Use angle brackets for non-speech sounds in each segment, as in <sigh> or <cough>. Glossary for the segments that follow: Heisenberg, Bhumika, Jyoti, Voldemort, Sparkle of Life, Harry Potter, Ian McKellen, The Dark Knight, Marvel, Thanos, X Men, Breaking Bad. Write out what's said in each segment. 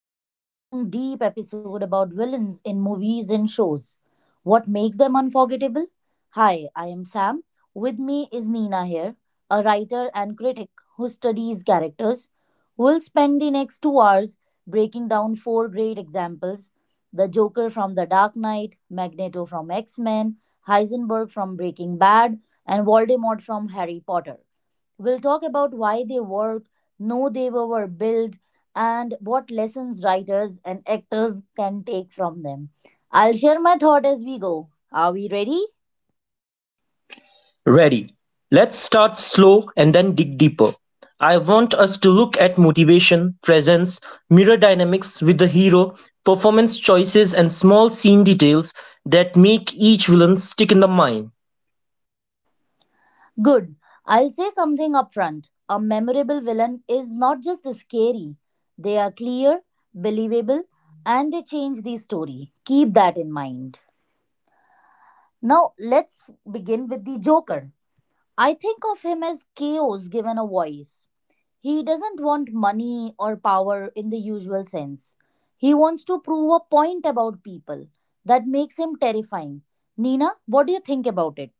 This is a long, deep episode about villains in movies and shows. What makes them unforgettable? Hi, I am Sam. With me is Nina here, a writer and critic who studies characters. We'll spend the next 2 hours breaking down four great examples the Joker from The Dark Knight, Magneto from X Men, Heisenberg from Breaking Bad, and Voldemort from Harry Potter. We'll talk about why they worked, know they were built, and what lessons writers and actors can take from them. I'll share my thought as we go. Are we ready? Ready. Let's start slow and then dig deeper. I want us to look at motivation, presence, mirror dynamics with the hero, performance choices, and small scene details that make each villain stick in the mind. Good. I'll say something upfront. A memorable villain is not just scary, they are clear, believable, and they change the story. Keep that in mind. Now, let's begin with the Joker. I think of him as chaos given a voice. He doesn't want money or power in the usual sense. He wants to prove a point about people. That makes him terrifying. Nina, what do you think about it?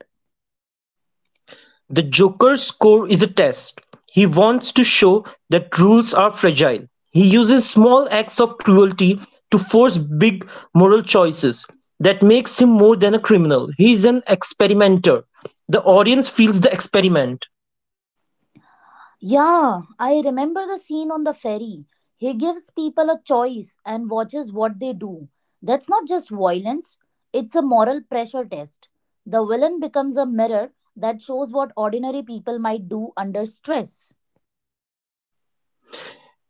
The Joker's score is a test. He wants to show that rules are fragile. He uses small acts of cruelty to force big moral choices that makes him more than a criminal. He is an experimenter. The audience feels the experiment. Yeah, I remember the scene on the ferry. He gives people a choice and watches what they do. That's not just violence, it's a moral pressure test. The villain becomes a mirror that shows what ordinary people might do under stress.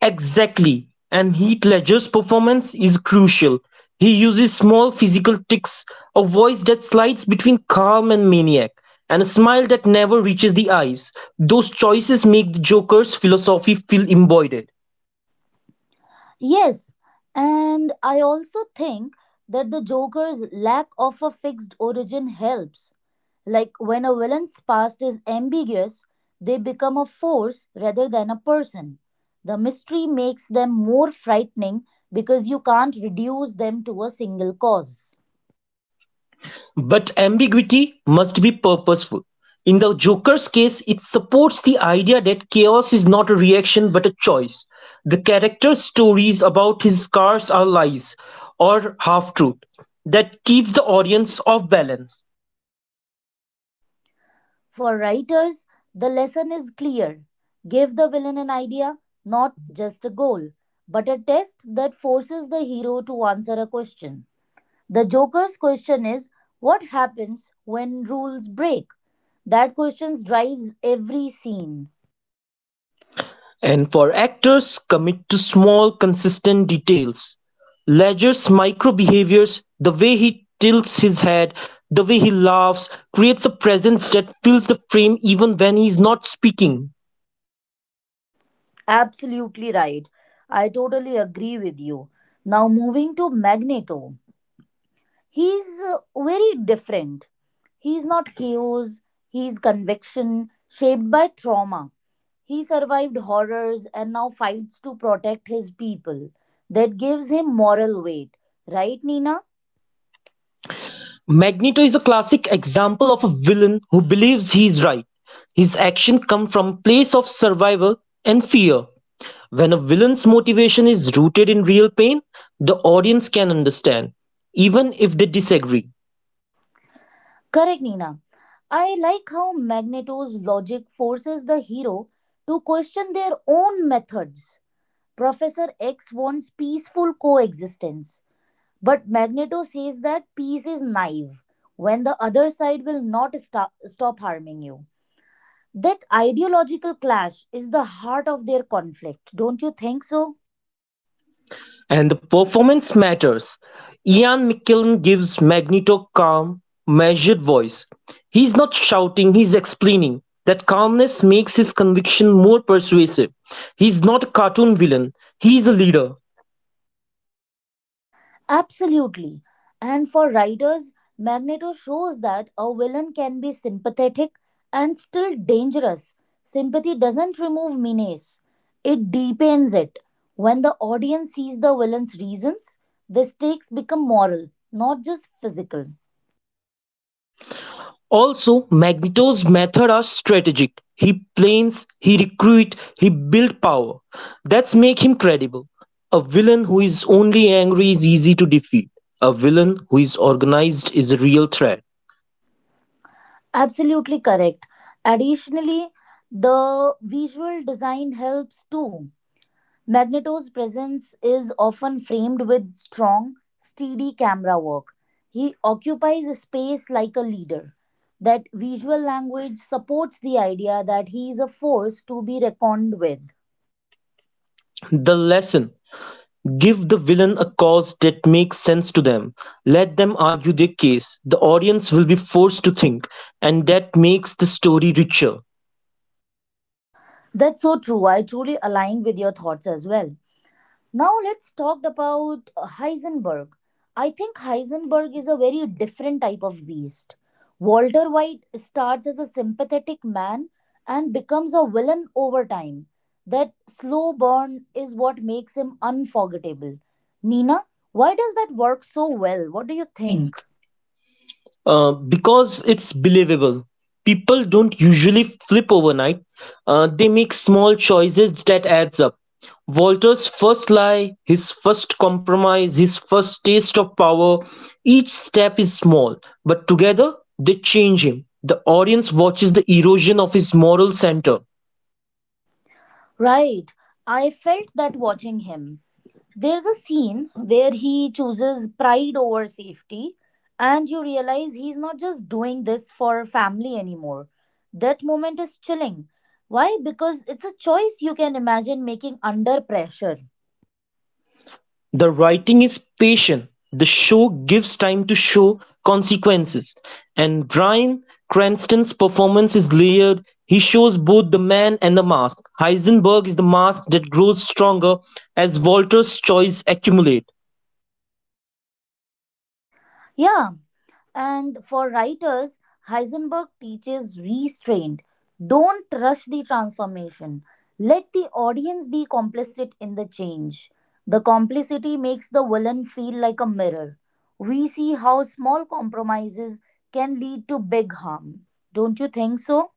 Exactly, and Heath Ledger's performance is crucial. He uses small physical tics, a voice that slides between calm and maniac, and a smile that never reaches the eyes. Those choices make the Joker's philosophy feel embodied. Yes, and I also think that the Joker's lack of a fixed origin helps. Like when a villain's past is ambiguous, they become a force rather than a person. The mystery makes them more frightening because you can't reduce them to a single cause. But ambiguity must be purposeful. In the Joker's case, it supports the idea that chaos is not a reaction but a choice. The character's stories about his scars are lies or half truth that keeps the audience off balance. For writers, the lesson is clear give the villain an idea, not just a goal, but a test that forces the hero to answer a question. The Joker's question is what happens when rules break? That question drives every scene. And for actors, commit to small, consistent details. Ledger's micro behaviors, the way he tilts his head, the way he laughs, creates a presence that fills the frame even when he's not speaking. Absolutely right. I totally agree with you. Now, moving to Magneto. He's very different. He's not chaos, he's conviction, shaped by trauma. He survived horrors and now fights to protect his people. That gives him moral weight. Right, Nina? Magneto is a classic example of a villain who believes he is right. His actions come from a place of survival and fear. When a villain's motivation is rooted in real pain, the audience can understand, even if they disagree. Correct, Nina. I like how Magneto's logic forces the hero to question their own methods. Professor X wants peaceful coexistence, but Magneto says that peace is naive when the other side will not stop harming you. That ideological clash is the heart of their conflict, don't you think so? And the performance matters. Ian McKellen gives Magneto calm, measured voice. He's not shouting, he's explaining. That calmness makes his conviction more persuasive. He's not a cartoon villain, he's a leader. Absolutely. And for writers, Magneto shows that a villain can be sympathetic and still dangerous. Sympathy doesn't remove menace, it deepens it. When the audience sees the villain's reasons, the stakes become moral, not just physical. Also, Magneto's methods are strategic. He plans, he recruits, he builds power. That's make him credible. A villain who is only angry is easy to defeat. A villain who is organized is a real threat. Absolutely correct. Additionally, the visual design helps too. Magneto's presence is often framed with strong, steady camera work. He occupies a space like a leader. That visual language supports the idea that he is a force to be reckoned with. The lesson, give the villain a cause that makes sense to them. Let them argue their case. The audience will be forced to think, and that makes the story richer. That's so true. I truly align with your thoughts as well. Now let's talk about Heisenberg. I think Heisenberg is a very different type of beast. Walter White starts as a sympathetic man and becomes a villain over time. That slow burn is what makes him unforgettable. Nina, why does that work so well? What do you think? Because it's believable. People don't usually flip overnight. They make small choices that adds up. Walter's first lie, his first compromise, his first taste of power, each step is small, but together they change him. The audience watches the erosion of his moral center. Right. I felt that watching him. There's a scene where he chooses pride over safety, and you realize he's not just doing this for family anymore. That moment is chilling. Why? Because it's a choice you can imagine making under pressure. The writing is patient, the show gives time to show consequences, and Bryan Cranston's performance is layered. He shows both the man and the mask. Heisenberg is the mask that grows stronger as Walter's choices accumulate. Yeah, and for writers, Heisenberg teaches restraint. Don't rush the transformation. Let the audience be complicit in the change. The complicity makes the villain feel like a mirror. We see how small compromises can lead to big harm. Don't you think so? So,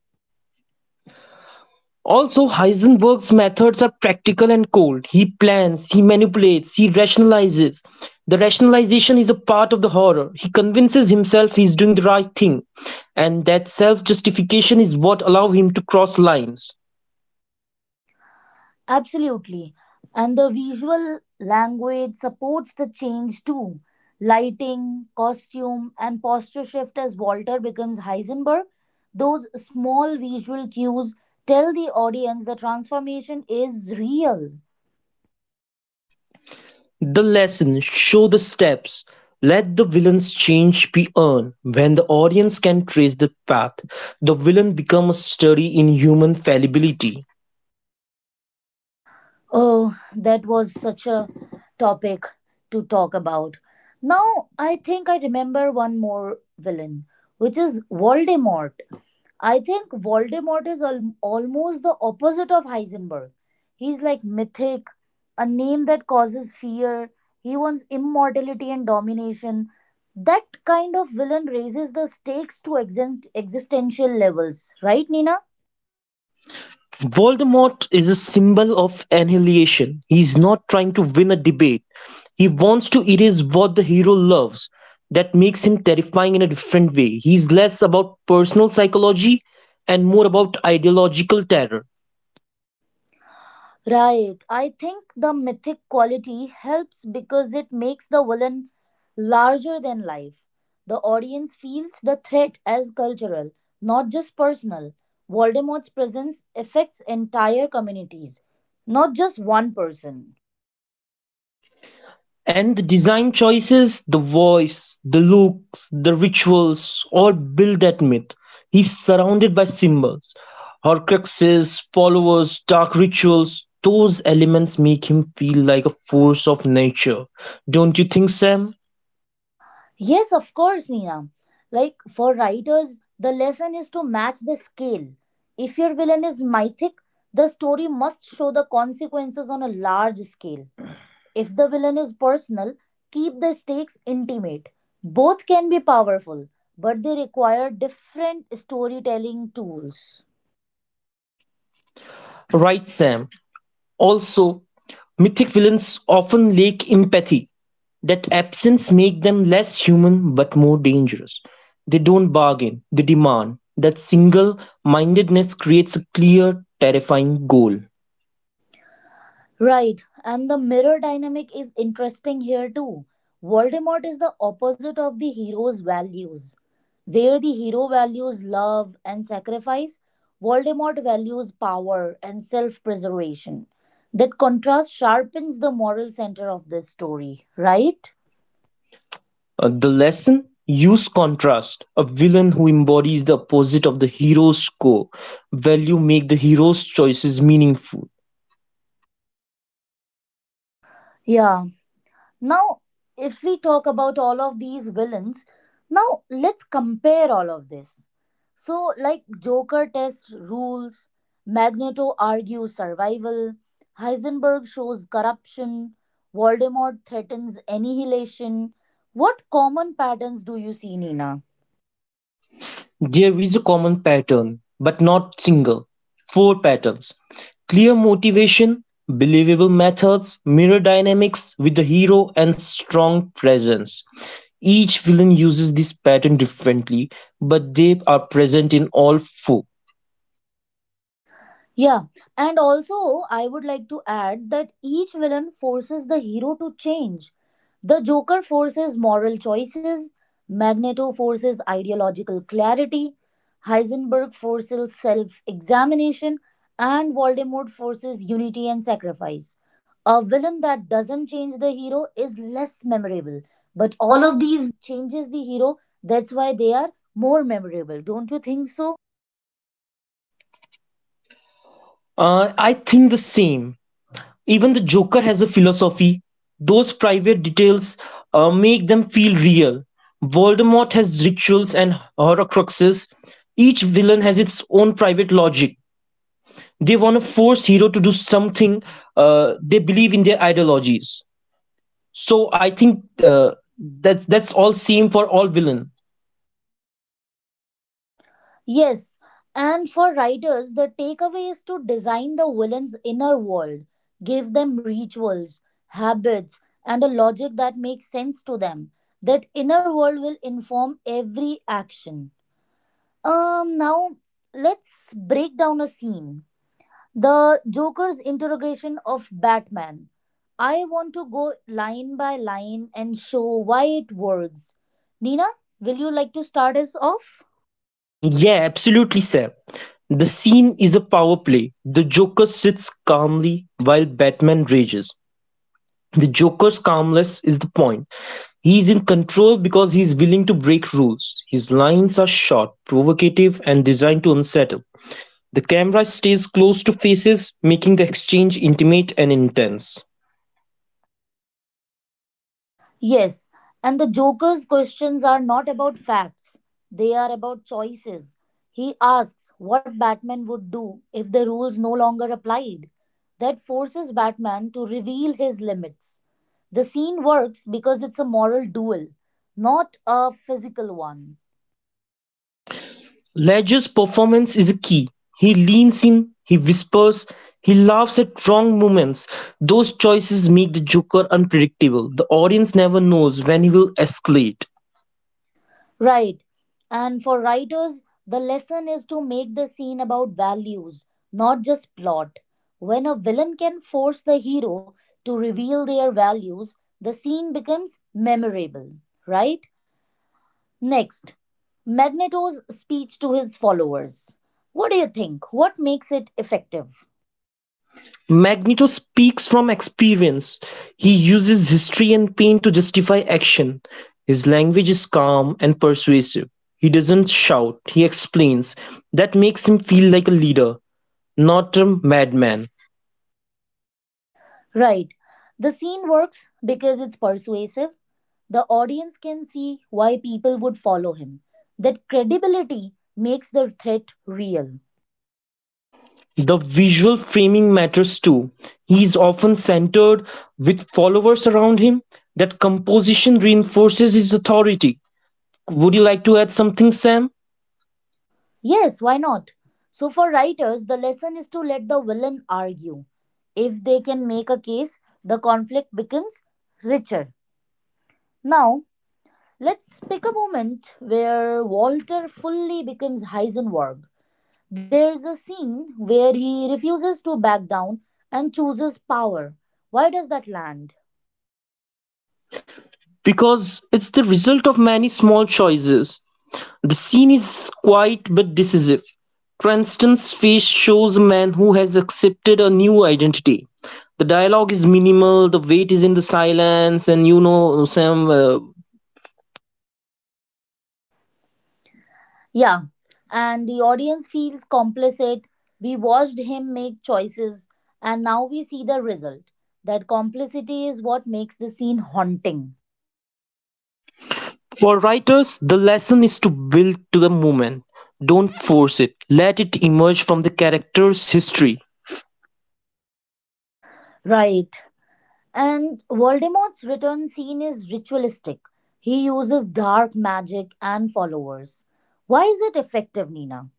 Also, Heisenberg's methods are practical and cold. He plans, he manipulates, he rationalizes. The rationalization is a part of the horror. He convinces himself he's doing the right thing, and that self justification is what allows him to cross lines. Absolutely. And the visual language supports the change too. Lighting, costume, and posture shift as Walter becomes Heisenberg. Those small visual cues tell the audience the transformation is real. The lesson, show the steps. Let the villain's change be earned. When the audience can trace the path, the villain becomes a study in human fallibility. Oh, that was such a topic to talk about. Now, I think I remember one more villain, which is Voldemort. I think Voldemort is almost the opposite of Heisenberg. He's like mythic, a name that causes fear. He wants immortality and domination. That kind of villain raises the stakes to existential levels, right, Nina? Voldemort is a symbol of annihilation. He's not trying to win a debate. He wants to erase what the hero loves. That makes him terrifying in a different way. He's less about personal psychology and more about ideological terror. Right. I think the mythic quality helps because it makes the villain larger than life. The audience feels the threat as cultural, not just personal. Voldemort's presence affects entire communities, not just one person. And the design choices, the voice, the looks, the rituals all build that myth. He's surrounded by symbols, horcruxes, followers, dark rituals. Those elements make him feel like a force of nature. Don't you think, Sam? Yes, of course, Nina. Like for writers, the lesson is to match the scale. If your villain is mythic, the story must show the consequences on a large scale. If the villain is personal, keep the stakes intimate. Both can be powerful, but they require different storytelling tools. Right, Sam. Also, mythic villains often lack empathy. That absence makes them less human but more dangerous. They don't bargain, they demand. That single mindedness creates a clear, terrifying goal. Right, and the mirror dynamic is interesting here too. Voldemort is the opposite of the hero's values. Where the hero values love and sacrifice, Voldemort values power and self preservation. That contrast sharpens the moral center of this story, right? Right? The lesson, use contrast, a villain who embodies the opposite of the hero's core value make the hero's choices meaningful. Yeah. Now, if we talk about all of these villains, now let's compare all of this. So, like Joker tests rules, Magneto argues survival, Heisenberg shows corruption, Voldemort threatens annihilation. What common patterns do you see, Nina? There is a common pattern, but not single. Four patterns: clear motivation, believable methods, mirror dynamics with the hero, and strong presence. Each villain uses this pattern differently, but they are present in all four. Yeah, and also I would like to add that each villain forces the hero to change. The Joker forces moral choices, Magneto forces ideological clarity, Heisenberg forces self examination, and Voldemort forces unity and sacrifice. A villain that doesn't change the hero is less memorable, but But all all of of these. these changes the hero, that's why they are more memorable. Don't you think so? I think the same. Even the Joker has a philosophy. Those private details make them feel real. Voldemort has rituals and horcruxes. Each villain has its own private logic. They want to force hero to do something. They believe in their ideologies. So I think that's all same for all villain. Yes, and for writers, the takeaway is to design the villain's inner world, give them rituals, habits, and a logic that makes sense to them. That inner world will inform every action. Now let's break down a scene. The Joker's interrogation of Batman. I want to go line by line and show why it works. Nina, will you like to start us off? Yeah, absolutely, Seb. The scene is a power play. The Joker sits calmly while Batman rages. The Joker's calmness is the point. He is in control because he is willing to break rules. His lines are short, provocative, and designed to unsettle. The camera stays close to faces, making the exchange intimate and intense. Yes, and the Joker's questions are not about facts, they are about choices. He asks what Batman would do if the rules no longer applied. That forces Batman to reveal his limits. The scene works because it's a moral duel, not a physical one. Ledger's performance is a key. He leans in, he whispers, he laughs at wrong moments. Those choices make the Joker unpredictable. The audience never knows when he will escalate. Right. And for writers, the lesson is to make the scene about values, not just plot. When a villain can force the hero to reveal their values, the scene becomes memorable, right? Next, Magneto's speech to his followers. What do you think? What makes it effective? Magneto speaks from experience. He uses history and pain to justify action. His language is calm and persuasive. He doesn't shout, he explains. That makes him feel like a leader, not a madman. Right. The scene works because it's persuasive, the audience can see why people would follow him. That credibility makes the threat real. The visual framing matters too. He is often centered with followers around him. That composition reinforces his authority. Would you like to add something, Sam? Yes, why not? So, for writers, the lesson is to let the villain argue. If they can make a case, the conflict becomes richer. Now, let's pick a moment where Walter fully becomes Heisenberg. There's a scene where he refuses to back down and chooses power. Why does that land? Because it's the result of many small choices. The scene is quiet but decisive. Cranston's face shows a man who has accepted a new identity. The dialogue is minimal, the weight is in the silence, and you know, Sam, Yeah, and the audience feels complicit. We watched him make choices, and now we see the result. That complicity is what makes the scene haunting. for writers, the lesson is to build to the moment. Don't force it, let it emerge from the character's history. Right. And Voldemort's return scene is ritualistic. He uses dark magic and followers. Why is it effective, Nina?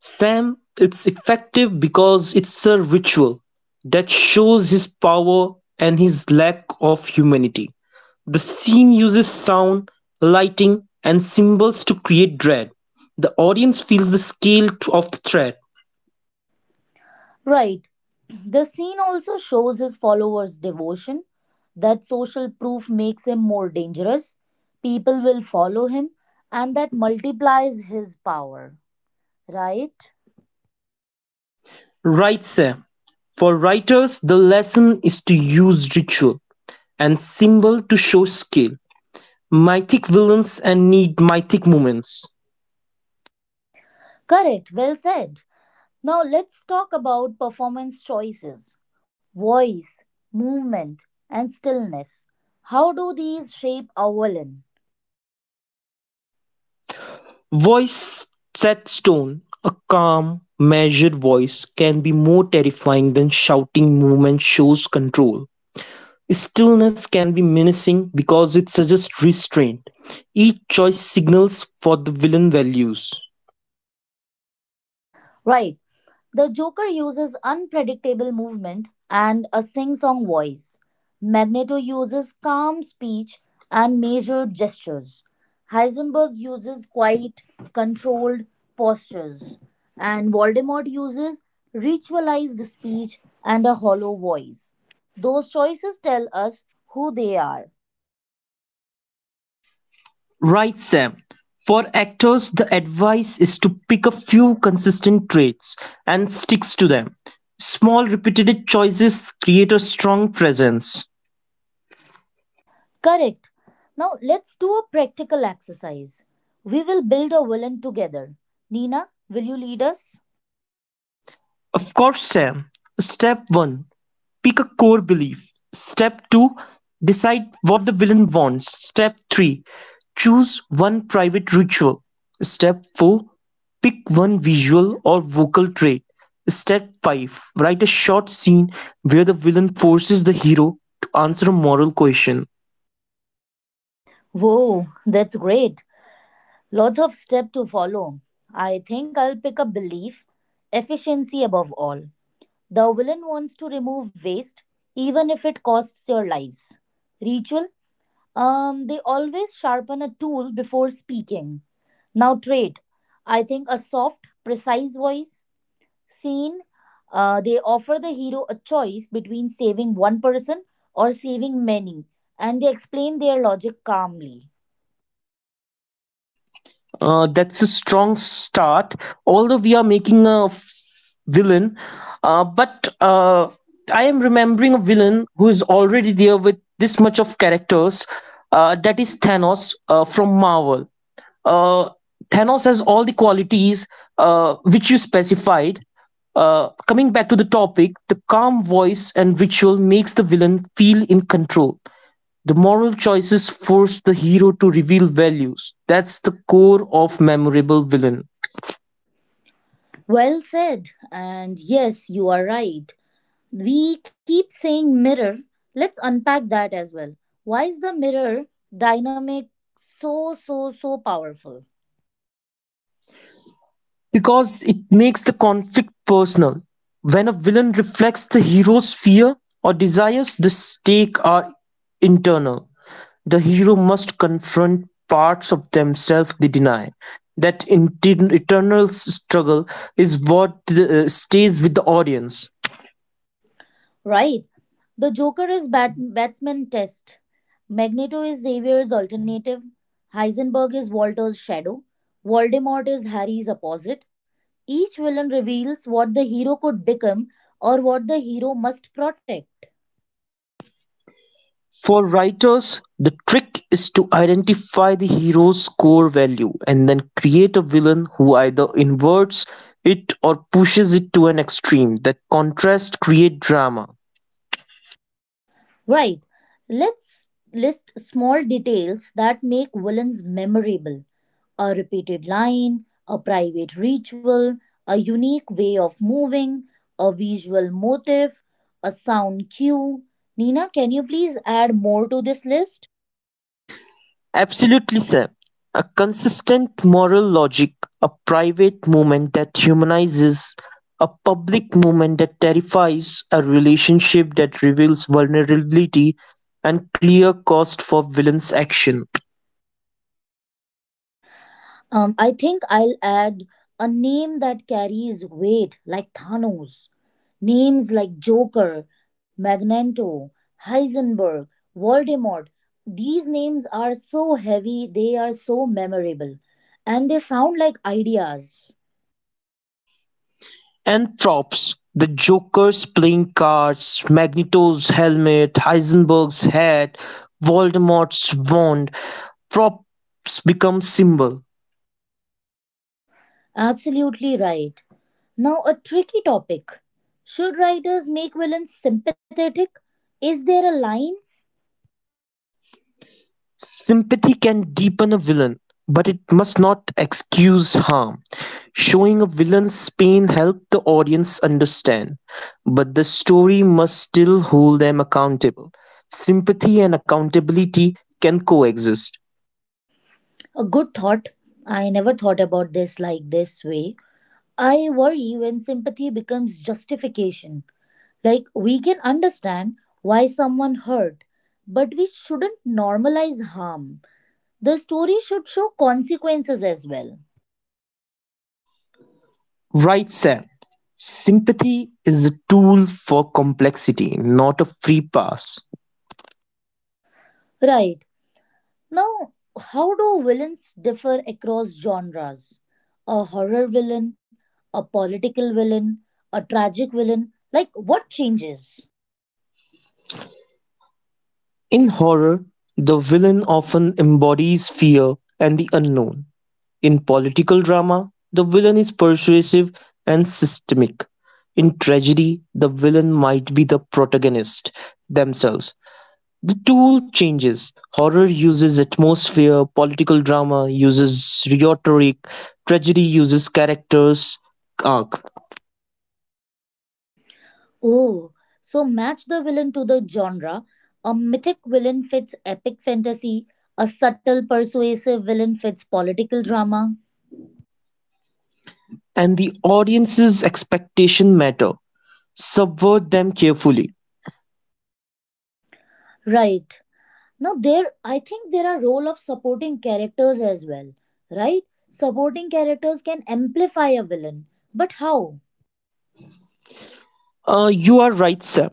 Sam, it's effective because it's a ritual that shows his power and his lack of humanity. The scene uses sound, lighting, and symbols to create dread. The audience feels the scale of the threat. Right. The scene also shows his followers' devotion, that social proof makes him more dangerous, people will follow him, and that multiplies his power. Right? Wrightse. For writers, the lesson is to use ritual and symbol to show scale. Mythic villains and need mythic moments. Correct, well said. Now let's talk about performance choices voice, movement, and stillness. How do these shape our villain? Voice set stone. A calm, measured voice can be more terrifying than shouting movement shows control. Stillness can be menacing because it suggests restraint. Each choice signals for the villain values. Right. The Joker uses unpredictable movement and a sing song voice. Magneto uses calm speech and measured gestures. Heisenberg uses quiet, controlled postures. And Voldemort uses ritualized speech and a hollow voice. Those choices tell us who they are. Right, Sam. For actors, the advice is to pick a few consistent traits and sticks to them. Small repeated choices create a strong presence. Correct. Now let's do a practical exercise. We will build a villain together. Nina, will you lead us? Of course, Sam. Step 1, pick a core belief. Step 2, decide what the villain wants. Step 3, choose one private ritual. Step 4, pick one visual or vocal trait. Step 5, write a short scene where the villain forces the hero to answer a moral question. Whoa, that's great. Lots of steps to follow. I think I'll pick up belief, efficiency above all. The villain wants to remove waste, even if it costs your lives. Ritual, they always sharpen a tool before speaking. Now, trait, I think a soft, precise voice. Scene, they offer the hero a choice between saving one person or saving many, and they explain their logic calmly. That's a strong start. Although we are making a villain, but I am remembering a villain who is already there with this much of characters. That is Thanos from Marvel. Uh, Thanos has all the qualities which you specified. Coming back to the topic, the calm voice and ritual makes the villain feel in control. The moral choices force the hero to reveal values. That's the core of memorable villain. Well said. And yes, you are right. We keep saying mirror. Let's unpack that as well. Why is the mirror dynamic so, so, so powerful? Because it makes the conflict personal. When a villain reflects the hero's fear or desires, the stakes are internal. The hero must confront parts of themselves they deny. That internal struggle is what stays with the audience. Right. The Joker is batsman test. Magneto is Xavier's alternative. Heisenberg is Walter's shadow. Voldemort is Harry's opposite. Each villain reveals what the hero could become or what the hero must protect. For writers, the trick is to identify the hero's core value and then create a villain who either inverts it or pushes it to an extreme that contrast create drama. Right. Let's list small details that make villains memorable a repeated line, a private ritual, a unique way of moving, a visual motive, a sound cue. Nina, can you please add more to this list? Absolutely, Sam. A consistent moral logic, a private moment that humanizes, a public moment that terrifies, a relationship that reveals vulnerability, and clear cost for villain's action. I think I'll add a name that carries weight, like Thanos. Names like Joker, Magneto, Heisenberg, Voldemort, these names are so heavy, they are so memorable, and they sound like ideas. And props: the Joker's playing cards, Magneto's helmet, Heisenberg's hat, Voldemort's wand, props become symbol. Absolutely right. Now, a tricky topic. Should writers make villains sympathetic? Is there a line? Sympathy can deepen a villain, but it must not excuse harm. Showing a villain's pain helps the audience understand, but the story must still hold them accountable. Sympathy and accountability can coexist. A good thought. I never thought about this like this way. I worry when sympathy becomes justification. Like, we can understand why someone hurt, but we shouldn't normalize harm. The story should show consequences as well. Right, Sam. Sympathy is a tool for complexity, not a free pass. Right. Now, how do villains differ across genres? A horror villain, a political villain, a tragic villain? Like, what changes? In horror, the villain often embodies fear and the unknown. In political drama, the villain is persuasive and systemic. In tragedy, the villain might be the protagonist themselves. The tool changes. Horror uses atmosphere, political drama uses rhetoric, tragedy uses characters' arc. Oh, so match the villain to the genre. A mythic villain fits epic fantasy, a subtle, persuasive villain fits political drama. And the audience's expectation matter. Subvert them carefully. Right. Now there, I think there are role of supporting characters as well, right? Supporting characters can amplify a villain, but how? You are right, sir.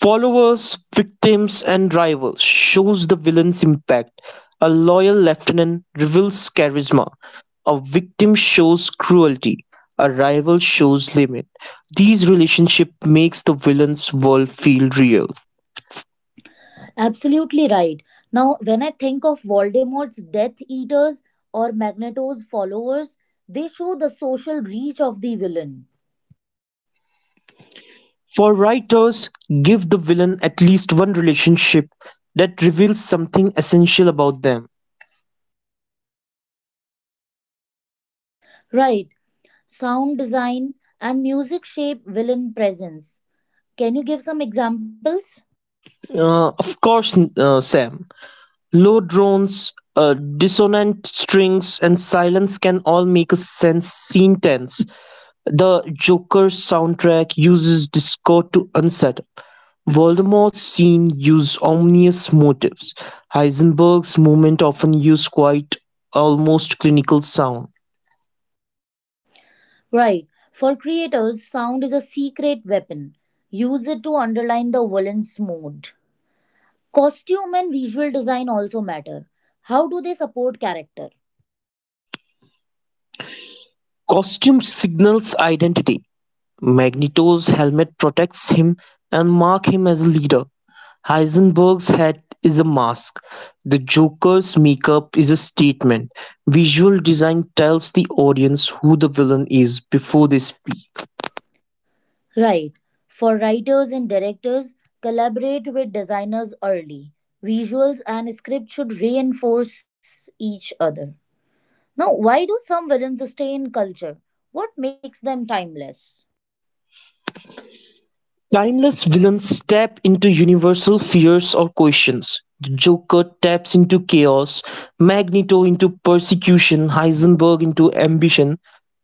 Followers, victims, and rivals shows the villain's impact. A loyal lieutenant reveals charisma. A victim shows cruelty. A rival shows limit. These relationship makes the villain's world feel real. Absolutely right. Now when I think of Voldemort's death eaters or Magneto's followers, they show the social reach of the villain. For writers, give the villain at least one relationship that reveals something essential about them. Right, sound design and music shape villain presence. Can you give some examples? Of course, Sam. Low drones, dissonant strings, and silence can all make a sense scene tense. The Joker's soundtrack uses discord to unsettle. Voldemort's scene uses ominous motives. Heisenberg's movement often use quite almost clinical sound. Right. For creators, sound is a secret weapon, use it to underline the villain's mood. Costume and visual design also matter. How do they support character? Costume signals identity. Magneto's helmet protects him and marks him as a leader. Heisenberg's hat is a mask. The Joker's makeup is a statement. Visual design tells the audience who the villain is before they speak. Right. For writers and directors, collaborate with designers early. Visuals and script should reinforce each other. Now, why do some villains stay in culture? What makes them timeless? Timeless villains tap into universal fears or questions. The Joker taps into chaos, Magneto into persecution, Heisenberg into ambition,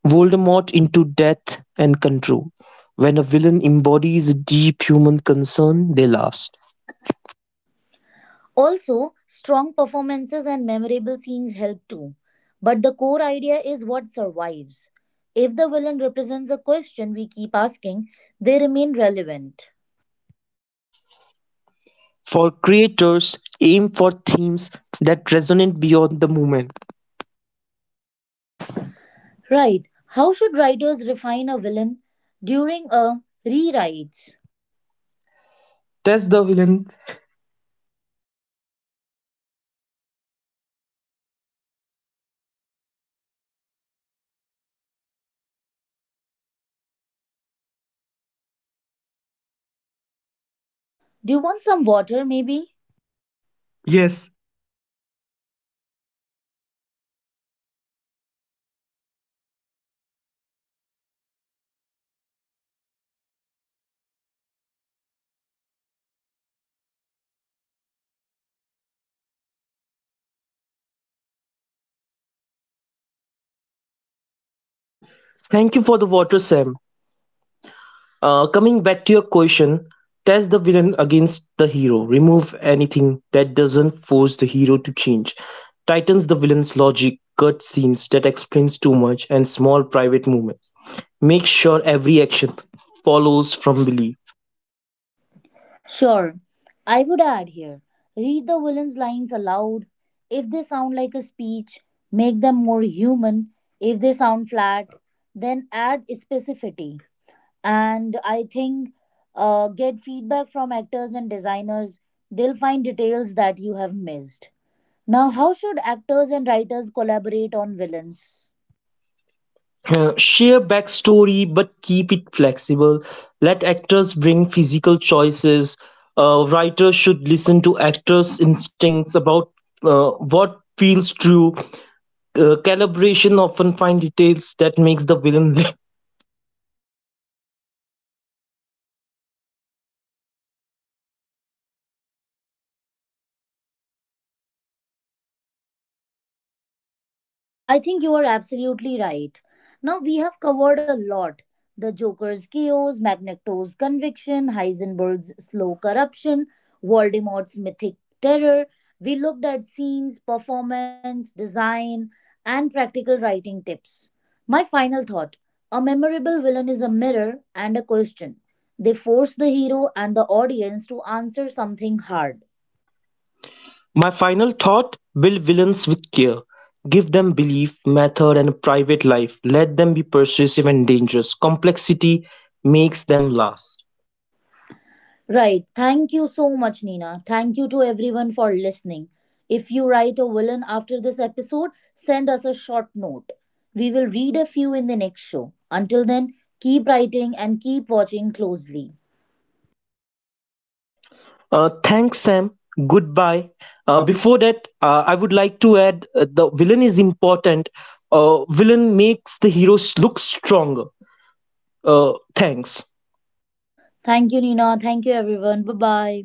Voldemort into death and control. When a villain embodies a deep human concern, they last. Also, strong performances and memorable scenes help too. But the core idea is what survives. If the villain represents a question we keep asking, they remain relevant. For creators, aim for themes that resonate beyond the moment. Right. How should writers refine a villain during a rewrite? Test the villain. Do you want some water, maybe? Yes. Thank you for the water, Sam. Coming back to your question, test the villain against the hero. Remove anything that doesn't force the hero to change. Tightens the villain's logic, cut scenes that explains too much, and small private movements. Make sure every action follows from belief. Sure. I would add here read the villain's lines aloud. If they sound like a speech, make them more human. If they sound flat, then add specificity. And I think get feedback from actors and designers. They'll find details that you have missed. Now, how should actors and writers collaborate on villains? Share backstory, but keep it flexible. Let actors bring physical choices. Writers should listen to actors' instincts about what feels true. Calibration often find details that makes the villain live. I think you are absolutely right. Now we have covered a lot. The Joker's chaos, Magneto's conviction, Heisenberg's slow corruption, Voldemort's mythic terror. We looked at scenes, performance, design, and practical writing tips. My final thought a memorable villain is a mirror and a question. They force the hero and the audience to answer something hard. <laughs> My final thought: build villains with care. Give them belief, method, and a private life. Let them be persuasive and dangerous. Complexity makes them last. Right. Thank you so much, Nina. Thank you to everyone for listening. If you write a villain after this episode, send us a short note. We will read a few in the next show. Until then, keep writing and keep watching closely. Thanks, Sam. Goodbye. Uh, bef- Before that, I would like to add the villain is important. Villain makes the heroes look stronger. Thanks. Thank you, Nina. Thank you, everyone. Bye bye.